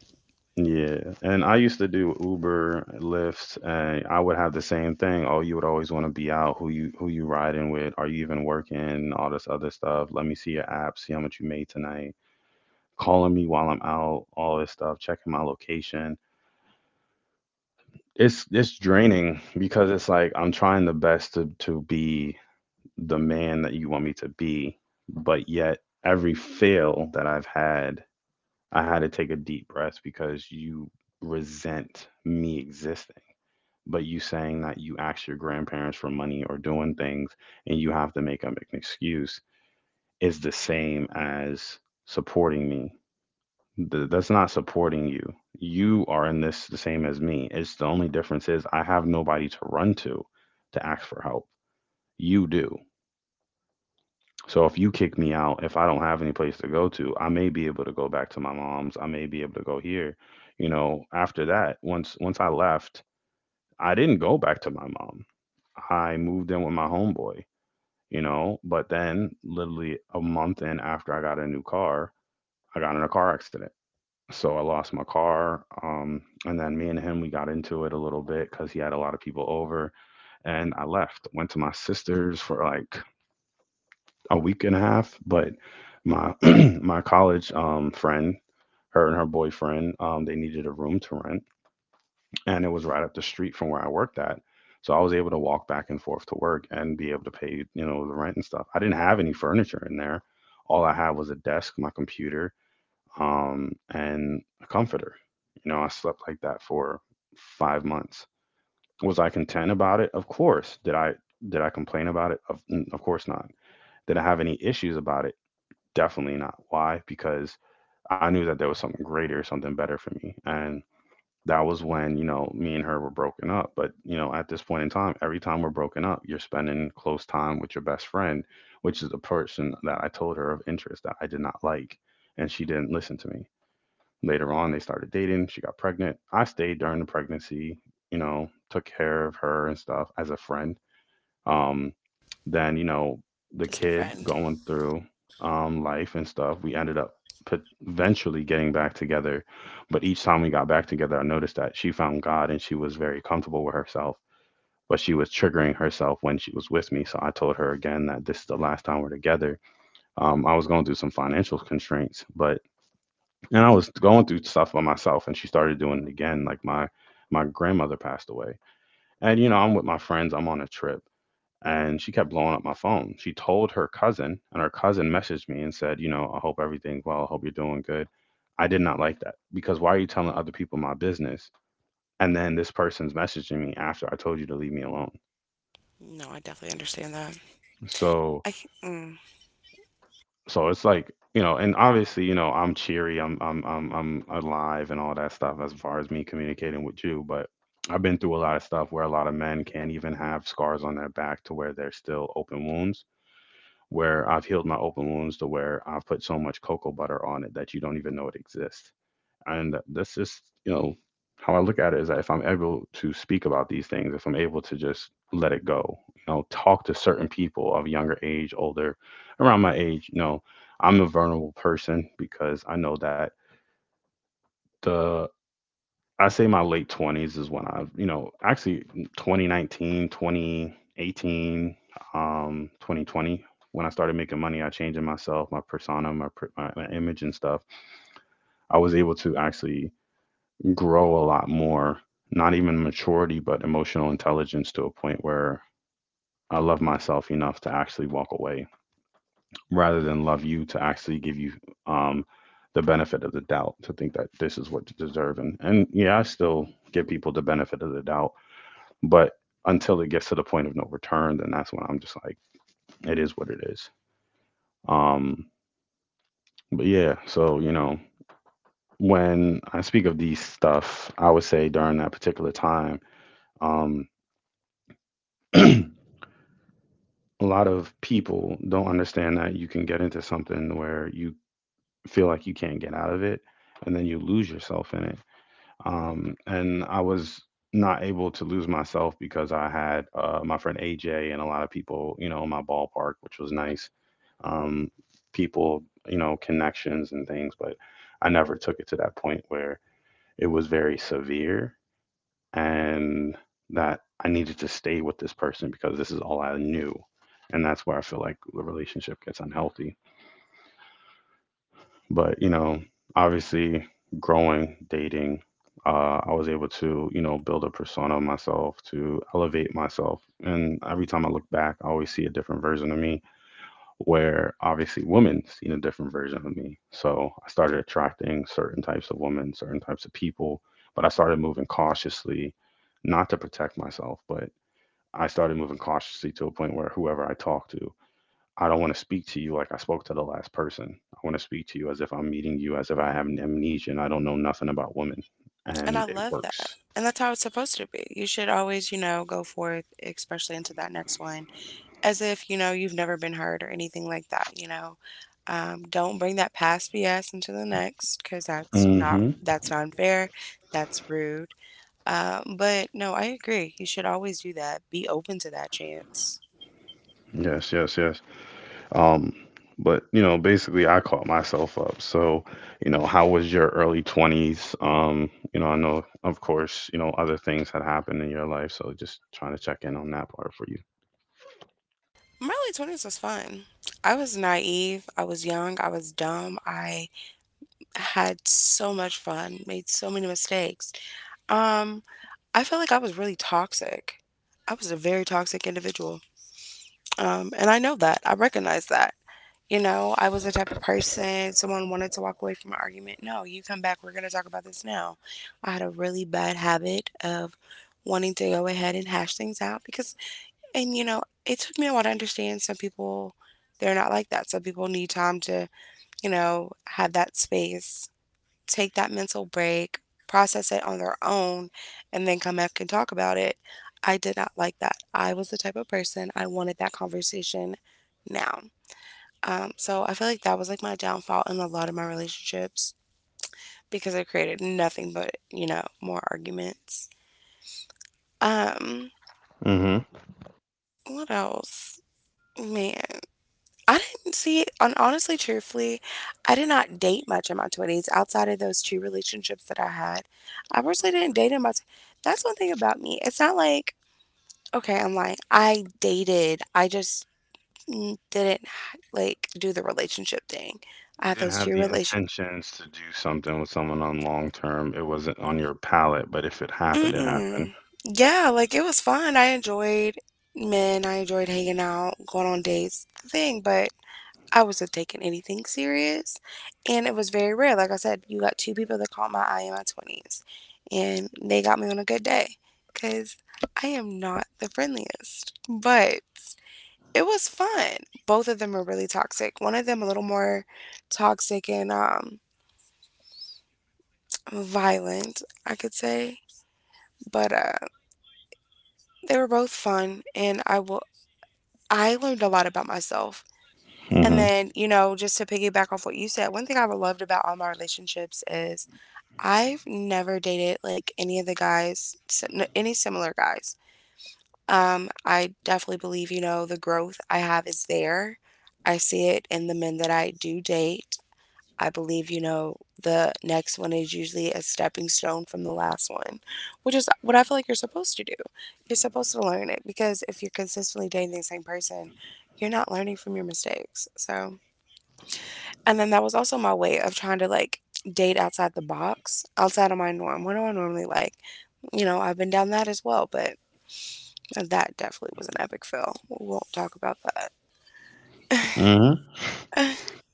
Yeah. And I used to do Uber, Lyft, and I would have the same thing. Oh, you would always want to be out. Who you riding with? Are you even working? All this other stuff. Let me see your app, see how much you made tonight, calling me while I'm out, all this stuff, checking my location. It's draining, because it's like I'm trying the best to be the man that you want me to be, but yet every fail that I've had, I had to take a deep breath because you resent me existing. But you saying that you ask your grandparents for money or doing things and you have to make up an excuse is the same as supporting me. That's not supporting you. You are in this the same as me. It's the only difference is I have nobody to run to ask for help. You do. So if you kick me out, if I don't have any place to go to, I may be able to go back to my mom's. I may be able to go here. You know, after that, once I left, I didn't go back to my mom. I moved in with my homeboy, you know, but then literally a month in after I got a new car, I got in a car accident so I lost my car. And then me and him, we got into it a little bit because he had a lot of people over. And I left, went to my sister's for like a week and a half. But my <clears throat> my college friend, her and her boyfriend, they needed a room to rent, and it was right up the street from where I worked at. So I was able to walk back and forth to work and be able to pay, you know, the rent and stuff. I didn't have any furniture in there. All I had was a desk, my computer, and a comforter. You know, I slept like that for 5 months. Was I content about it? Of course. Did I complain about it? Of course not. Did I have any issues about it? Definitely not. Why? Because I knew that there was something greater, something better for me. And that was when, you know, me and her were broken up. But, you know, at this point in time, every time we're broken up, you're spending close time with your best friend, which is the person that I told her of interest that I did not like. And she didn't listen to me. Later on, they started dating. She got pregnant. I stayed during the pregnancy, you know, took care of her and stuff as a friend. Um, then, you know, the Just a kid friend. going through life and stuff, we ended up eventually getting back together. But each time we got back together, I noticed that she found God and she was very comfortable with herself, but she was triggering herself when she was with me. So I told her again that this is the last time we're together. I was going through some financial constraints, but and I was going through stuff by myself, and she started doing it again. Like my grandmother passed away, and you know I'm with my friends. I'm on a trip, and she kept blowing up my phone. She told her cousin, and her cousin messaged me and said, you know, I hope everything's well. I hope you're doing good. I did not like that because why are you telling other people my business? And then this person's messaging me after I told you to leave me alone. No, I definitely understand that. So I c- mm, so it's like, you know, and obviously, you know, I'm cheery, I'm alive and all that stuff as far as me communicating with you, but I've been through a lot of stuff where a lot of men can't even have scars on their back to where they're still open wounds, where I've healed my open wounds to where I've put so much cocoa butter on it that you don't even know it exists. And that's just, you know, how I look at it is that if I'm able to speak about these things, if I'm able to just let it go, you know, talk to certain people of younger age, older, around my age, you know, I'm a vulnerable person because I know that the I say my late 20s is when I've, you know, actually 2019, 2020, when I started making money, I changed in myself, my persona, my image and stuff. I was able to actually grow a lot more, not even maturity, but emotional intelligence to a point where I love myself enough to actually walk away rather than love you to actually give you um, the benefit of the doubt to think that this is what you deserve. And yeah, I still give people the benefit of the doubt, but until it gets to the point of no return, then that's when I'm just like, it is what it is. Um, but yeah, so, you know, when I speak of these stuff, I would say during that particular time, um, a lot of people don't understand that you can get into something where you feel like you can't get out of it and then you lose yourself in it. And I was not able to lose myself because I had my friend AJ and a lot of people, you know, in my ballpark, which was nice. um, People, you know, connections and things, but I never took it to that point where it was very severe, and that I needed to stay with this person because this is all I knew. And that's where I feel like the relationship gets unhealthy. But, you know, obviously growing, dating, I was able to, you know, build a persona of myself, to elevate myself. And every time I look back, I always see a different version of me, where obviously women seen a different version of me. So I started attracting certain types of women, certain types of people, but I started moving cautiously not to protect myself, but I started moving cautiously to a point where whoever I talk to, I don't want to speak to you like I spoke to the last person. I want to speak to you as if I'm meeting you, as if I have an amnesia and I don't know nothing about women. and I And it love that. works. And that's how it's supposed to be. You should always, you know, go forth, especially into that next one, as if, you know, you've never been hurt or anything like that, you know? Don't bring that past BS into the next, because that's not Hmm. that's not fair. That's rude. But no, I agree. You should always do that. Be open to that chance. Yes, yes, yes. Um, but, you know, basically, I caught myself up. So, you know, how was your early 20s? You know, I know, of course, you know, other things had happened in your life. So, just trying to check in on that part for you. My early 20s was fun. I was naive. I was young. I was dumb. I had so much fun, made so many mistakes. Um, I felt like I was really toxic. I was a very toxic individual. And I know that. I recognize that. You know, I was the type of person, someone wanted to walk away from an argument. No, you come back. We're going to talk about this now. I had a really bad habit of wanting to go ahead and hash things out because, and you know, it took me a while to understand some people, they're not like that. Some people need time to, you know, have that space, take that mental break, process it on their own, and then come back and talk about it. I did not like that. I was the type of person, I wanted that conversation now. So I feel like that was like my downfall in a lot of my relationships, because it created nothing but, you know, more arguments. Um, what else? Man, I didn't see, and honestly, truthfully, I did not date much in my 20s outside of those two relationships that I had. I personally didn't date. That's one thing about me. It's not like, okay, I'm lying. I dated, I just didn't like do the relationship thing. I You had didn't those have two the relation. intentions to do something with someone on long term. It wasn't on your palette, but if it happened, it happened. Mm-mm. Yeah, like it was fun. I enjoyed men. I enjoyed hanging out, going on dates, the thing, but I wasn't taking anything serious. And it was very rare. Like I said, you got two people that caught my eye in my 20s, and they got me on a good day because I am not the friendliest. But it was fun. Both of them are really toxic. One of them a little more toxic and violent, I could say. But they were both fun, and I learned a lot about myself. And Mm-hmm. then, you know, just to piggyback off what you said, one thing I've loved about all my relationships is I've never dated like any of the guys, any similar guys. I definitely believe, you know, the growth I have is there. I see it in the men that I do date. I believe, you know, the next one is usually a stepping stone from the last one, which is what I feel like you're supposed to do. You're supposed to learn it, because if you're consistently dating the same person, you're not learning from your mistakes. So, and then that was also my way of trying to like date outside the box, outside of my norm. What do I normally like? You know, I've been down that as well, but that definitely was an epic fail. We won't talk about that. Mm-hmm.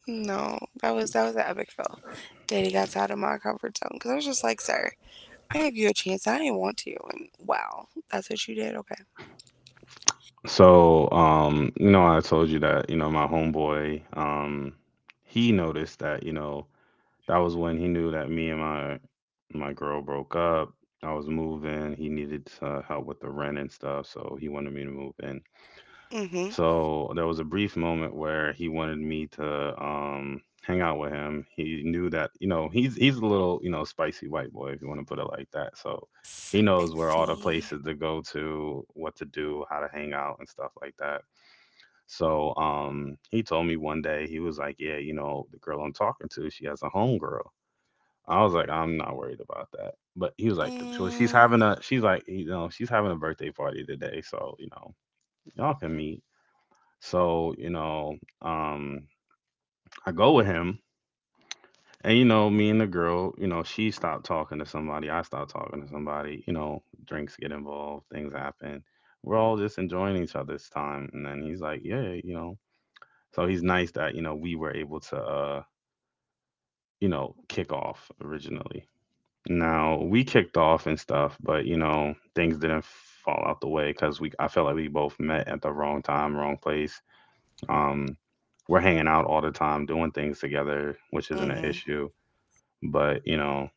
No, that was an epic fail. Dating outside of my comfort zone, because I was just like, sir, I gave you a chance. I didn't want to, and wow, that's what you did. Okay. So, you know, I told you that, you know, my homeboy, he noticed that, you know, that was when he knew that me and my girl broke up. I was moving. He needed help with the rent and stuff, so he wanted me to move in. Mm-hmm. So there was a brief moment where he wanted me to hang out with him. He knew that, you know, he's a little, you know, spicy white boy if you want to put it like that. So So he knows let's where all the see. places to go to, what to do, how to hang out and stuff like that. So he told me one day he was like, "Yeah, you know the girl I'm talking to, she has a homegirl." I was like, "I'm not worried about that." But he was like, "So she's Mm. having a she's like, you know, she's having a birthday party today, so you know y'all can meet." So, you know, um, I go with him. And, you know, me and the girl, you know, she stopped talking to somebody. I stopped talking to somebody. You know, drinks get involved, things happen. We're all just enjoying each other's time. And then he's like, yeah, you know. So he's nice that, you know, we were able to, you know, kick off originally. Now, we kicked off and stuff, but, you know, things didn't fall out the way because I felt like we both met at the wrong time, wrong place. Um, we're hanging out all the time, doing things together, which isn't an Mhm. issue. But, you know,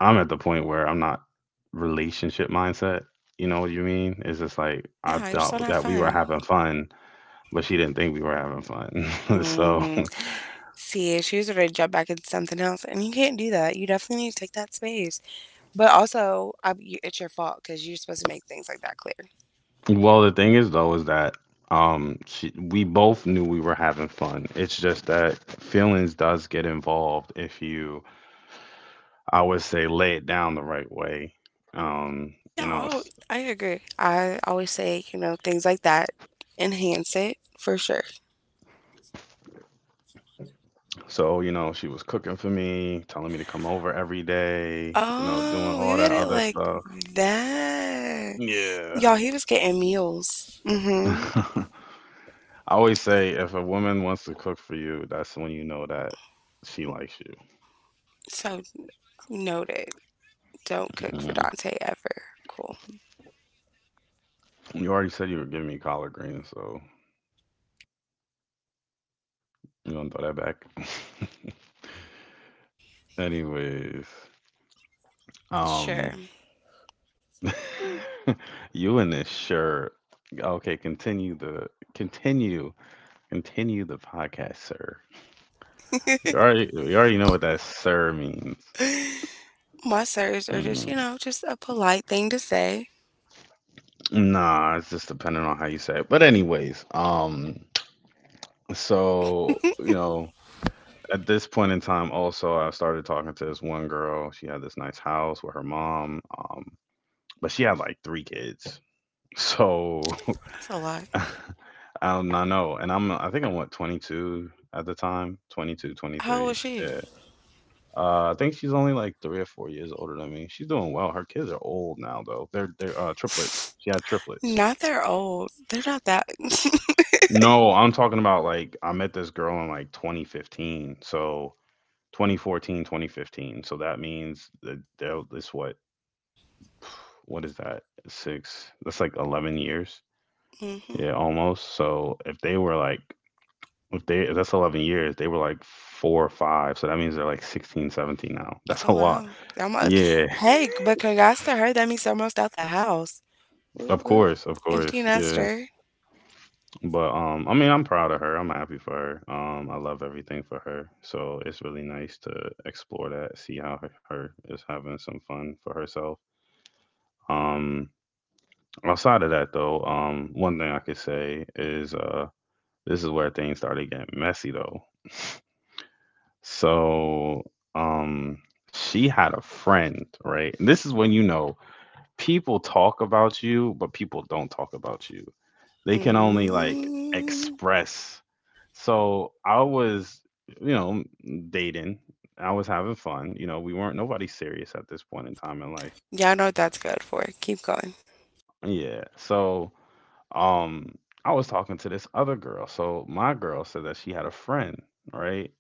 I'm at the point where I'm not relationship mindset. You know what you mean? It's just like I Yeah, you're thought still not that we were fun. having fun, but she didn't think we were having fun. <laughs> So, Mm. See, she was ready to jump back into something else, and you can't do that. You definitely need to take that space. But also, it's your fault, because you're supposed to make things like that clear. well, the thing is though, is that we both knew we were having fun. It's just that feelings does get involved if you, I would say, lay it down the right way. Yeah, You I, know, al- I agree. I always say, you know, things like that enhance it for sure. so, you know, she was cooking for me, telling me to come over every day, you know, doing Oh, you all that had it other like stuff. that. Y'all, Yeah. he was getting meals. <laughs> Mm-hmm. I always say if a woman wants to cook for you, that's when you know that she likes you. So noted. Don't cook for Mhm. Dante ever. Cool. You already said you were giving me collard greens, so you gonna throw that back. <laughs> Anyways, Sure. um, <laughs> you in this shirt. Okay, continue continue the podcast, sir. You already know what that sir means. My sirs are just, Mm, you know, just a polite thing to say. nah, it's just depending on how you say it. But anyways, so, you know, at this point in time, also I started talking to this one girl. She had this nice house with her mom, but she had like three kids. So, That's a lot. <laughs> I don't, I know, and I think I'm what 22 at the time, 22, How old 23. is she? Yeah, I think she's only like 3 or 4 years older than me. She's doing well. Her kids are old now though. They're triplets. <sighs> She had <laughs> triplets. Not they're old. They're not that. <laughs> No, I'm talking about, like, I met this girl in like 2015. So 2014, 2015. So that means that that's what, <sighs> what is that? Six. That's like 11 years. Hmm. Yeah, almost. So if they were like, if that's 11 years, they were like 4 or 5. So that means they're like 16, 17 now. That's a Oh lot. wow. Almost. Yeah. <laughs> Hey, but congrats to her. That means they're almost out the house. Of Whoop whoop. course, of Empty course. Yeah. nester. But I mean, I'm proud of her. I'm happy for her. I love everything for her. So it's really nice to explore that, see how her is having some fun for herself. Um, outside of that though, one thing I could say is this is where things started getting messy though. So, um, she had a friend, right? And this is when, you know, people talk about you, but people don't talk about you. They can only like Mm. express. So I was, you know, dating. I was having fun. You know, we weren't nobody serious at this point in time in life. Y'all know what that's good for. Keep going. Yeah. So, um I was talking to this other girl. So my girl said that she had a friend, right?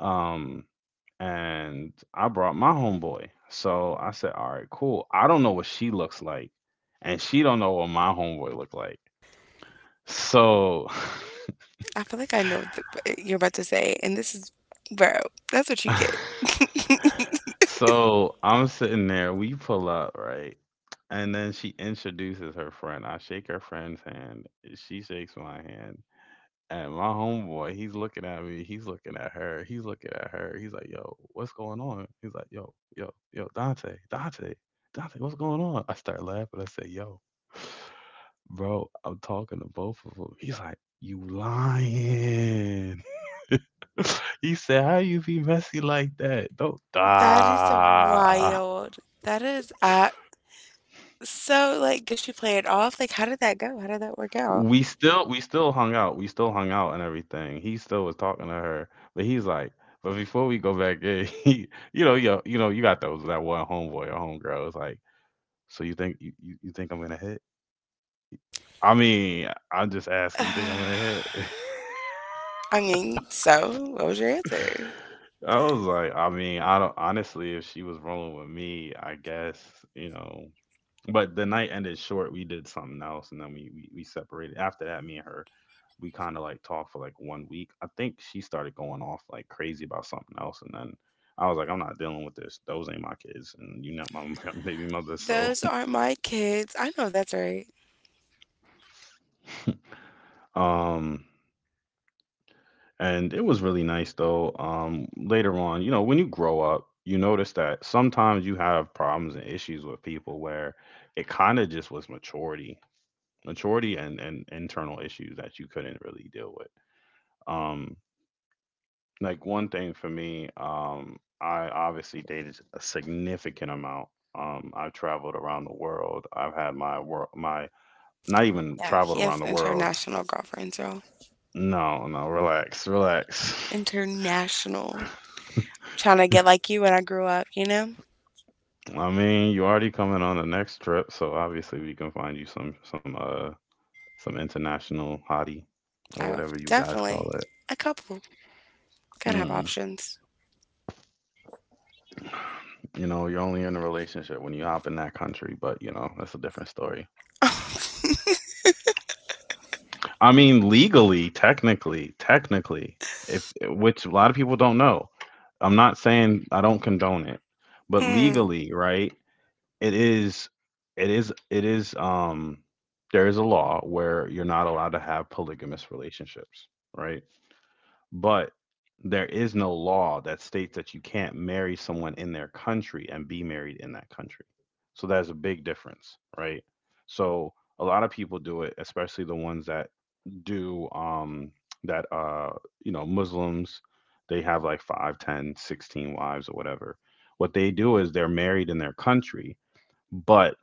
Um and I brought my homeboy. So I said, "All right, cool. I don't know what she looks like and she don't know what my homeboy looked like." So I feel like I know what the, what you're about to say, and this is, bro. That's what you get. <laughs> <laughs> so I'm sitting there, we pull up, right? And then she introduces her friend. I shake her friend's hand. She shakes my hand. And my homeboy, he's looking at me. He's looking at her. He's looking at her. He's like, yo, what's going on? He's like, yo, yo, yo, Dante, Dante, Dante, what's going on? I start laughing. I say, yo, bro, I'm talking to both of them. He's like, you lying. <laughs> He said, "How you be messy like that? Don't That is die." wild. That is. I So, like, did she play it off? Like, how did that go? How did that work out? We still hung out. We still hung out and everything. He still was talking to her, but he's like, but before we go back in, <laughs> he, you know, yo, you know, you got those that one homeboy or homegirl. It's like, so you think you think I'm gonna hit? I mean, I'm just <sighs> asking. You think I'm gonna I hit? <laughs> mean, so what was your answer? I was like, I mean, I don't honestly. If she was rolling with me, I guess you know. But the night ended short. We did something else, and then we separated. After that, me and her, we kind of like talked for like one week. I think she started going off like crazy about something else, and then I was like, I'm not dealing with this. Those ain't my kids, and you're not my <laughs> baby mother. So, Those aren't my kids. I know that's right. <laughs> um, and it was really nice though. Later on, you know, when you grow up, you notice that sometimes you have problems and issues with people where it kind of just was maturity, maturity, and internal issues that you couldn't really deal with. Um, like one thing for me, I obviously dated a significant amount. I've traveled around the world. I've had my work, my — not even Yeah, he traveled has around the world. international girlfriends, y'all. No, no, relax, relax. International. Trying to get like you when I grew up, you know? <laughs> I mean, you already coming on the next trip, so obviously we can find you some international hottie or I whatever you guys definitely call it. a couple. Gotta have Mm. options. You know, you're only in a relationship when you hop in that country, but you know, that's a different story. <laughs> I mean, legally, technically, if eh, which a lot of people don't know. I'm not saying I don't condone it, but Mm. legally, right? It is, it is, it is. There is a law where you're not allowed to have polygamous relationships, right? But there is no law that states that you can't marry someone in their country and be married in that country. So that's a big difference, right? So a lot of people do it, especially the ones that do, that, you know, Muslims, they have like 5, 10, 16 wives or whatever. What they do is they're married in their country, but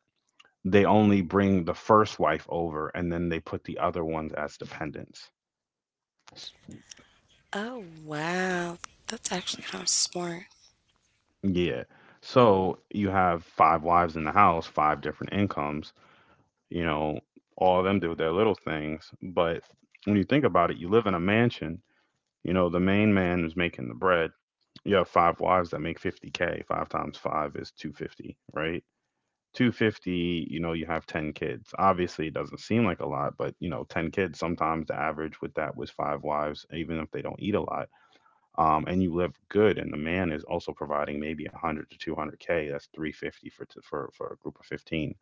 they only bring the first wife over and then they put the other ones as dependents. S- Oh wow, that's actually kind of smart. Yeah. So you have five wives in the house, five different incomes, you know, all of them do their little things. But when you think about it, you live in a mansion, you know, the main man is making the bread. You have five wives that make 50K. Five times five is 250, right? 250, you know, you have 10 kids. Obviously, it doesn't seem like a lot, but, you know, 10 kids, sometimes the average with that was five wives, even if they don't eat a lot. And you live good and the man is also providing maybe 100 to 200K. That's 350 for t- for a group of 15.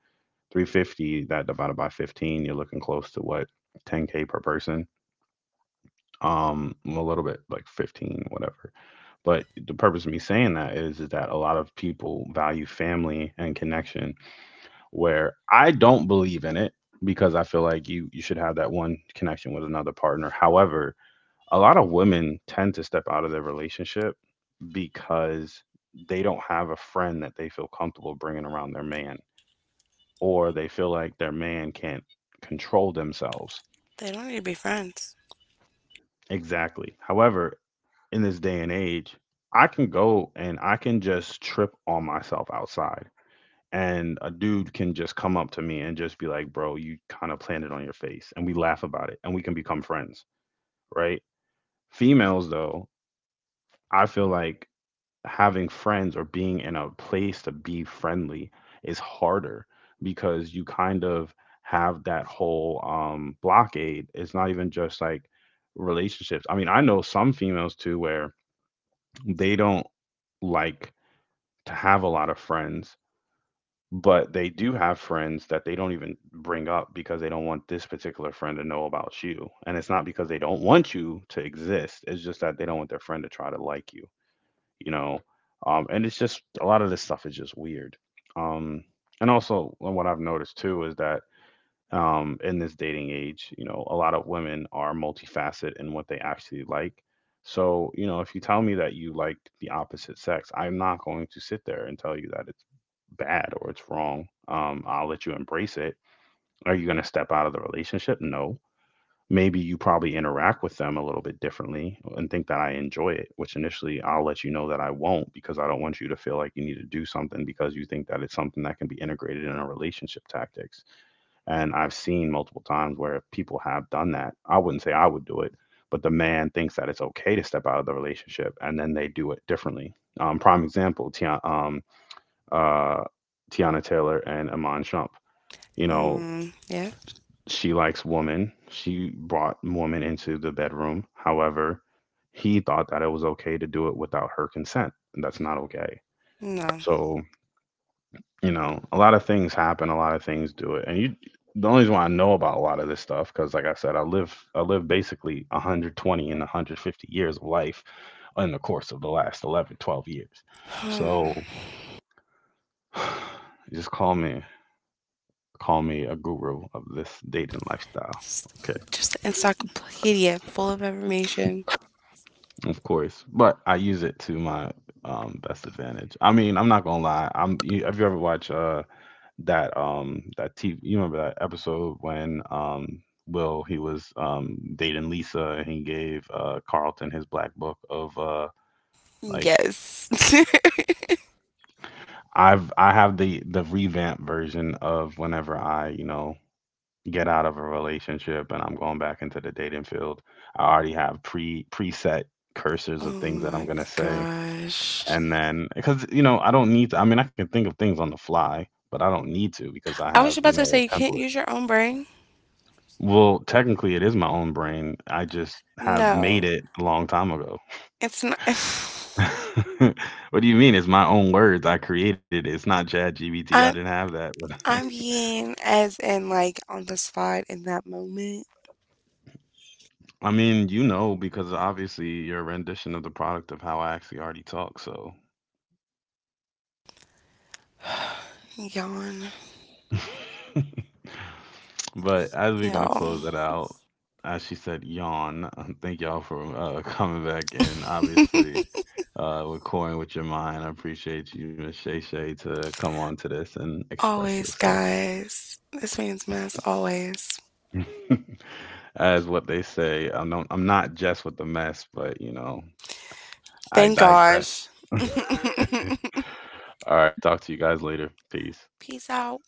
350 that divided by 15, you're looking close to what? 10K per person. A little bit like 15, whatever. But the purpose of me saying that is that a lot of people value family and connection, where I don't believe in it, because I feel like you should have that one connection with another partner. However, a lot of women tend to step out of their relationship because they don't have a friend that they feel comfortable bringing around their man, or they feel like their man can't control themselves. They don't need to be friends. Exactly. However, in this day and age, I can go and I can just trip on myself outside. And a dude can just come up to me and just be like, bro, you kind of planted on your face. And we laugh about it and we can become friends, right? Females though, I feel like having friends or being in a place to be friendly is harder because you kind of have that whole blockade. It's not even just like relationships. I mean, I know some females too where they don't like to have a lot of friends, but they do have friends that they don't even bring up because they don't want this particular friend to know about you. And it's not because they don't want you to exist, it's just that they don't want their friend to try to like you know. And it's just a lot of this stuff is just weird. Um, and also, what I've noticed too is that, in this dating age, you know, a lot of women are multifaceted in what they actually like. So, you know, if you tell me that you like the opposite sex, I'm not going to sit there and tell you that it's bad or it's wrong. I'll let you embrace it. Are you going to step out of the relationship? No, maybe you probably interact with them a little bit differently and think that I enjoy it, which initially I'll let you know that I won't because I don't want you to feel like you need to do something because you think that it's something that can be integrated in a relationship tactics. And I've seen multiple times where people have done that. I wouldn't say I would do it, but the man thinks that it's okay to step out of the relationship and then they do it differently. Prime example, Tia, uh, Tiana Taylor and Amon Shump. You know, Mm, yeah, she likes woman. She brought woman into the bedroom. However, he thought that it was okay to do it without her consent. And that's not okay. no. So, you know, a lot of things happen, a lot of things do it. And you — the only reason why I know about a lot of this stuff, because like I said, I live basically 120 and 150 years of life in the course of the last 11, 12 years. So, <sighs> <sighs> just call me, call me a guru of this dating lifestyle. Just, Okay. just an encyclopedia full of information. Of course, but I use it to my best advantage. I mean, I'm not gonna lie. Have you ever watched that, that TV? You remember that episode when Will, he was dating Lisa and he gave Carlton his black book of like Yes. <laughs> I have the revamp version of whenever I, you know, get out of a relationship and I'm going back into the dating field. I already have preset cursors Oh of things that I'm my gonna say, gosh. and then, because you know, I don't need to. I mean, I can think of things on the fly, but I don't need to because I I was have, about you to say know, you a can't template. use your own brain. Well, technically, it is my own brain. I just have made No, it a long time ago. it's not. <laughs> <laughs> What do you mean? It's my own words. I created it. It's not ChatGPT. <sighs> I didn't I'm have that. But <laughs> I'm being as in like on the spot in that moment. I mean, you know, because obviously your rendition of the product of how I actually already talk. So Yawn. <laughs> but as we're gonna Yawn. close it out, as she said, yawn. <laughs> Thank y'all for <laughs> coming back, and <laughs> obviously, with your mind, I appreciate you, Miss Shay Shay, to come on to this and express Always, yourself. guys. This man's mess always. <laughs> As what they say, I'm not just with the mess, but you know, I Thank digress. gosh. <laughs> <laughs> All right, talk to you guys later. Peace. Peace out.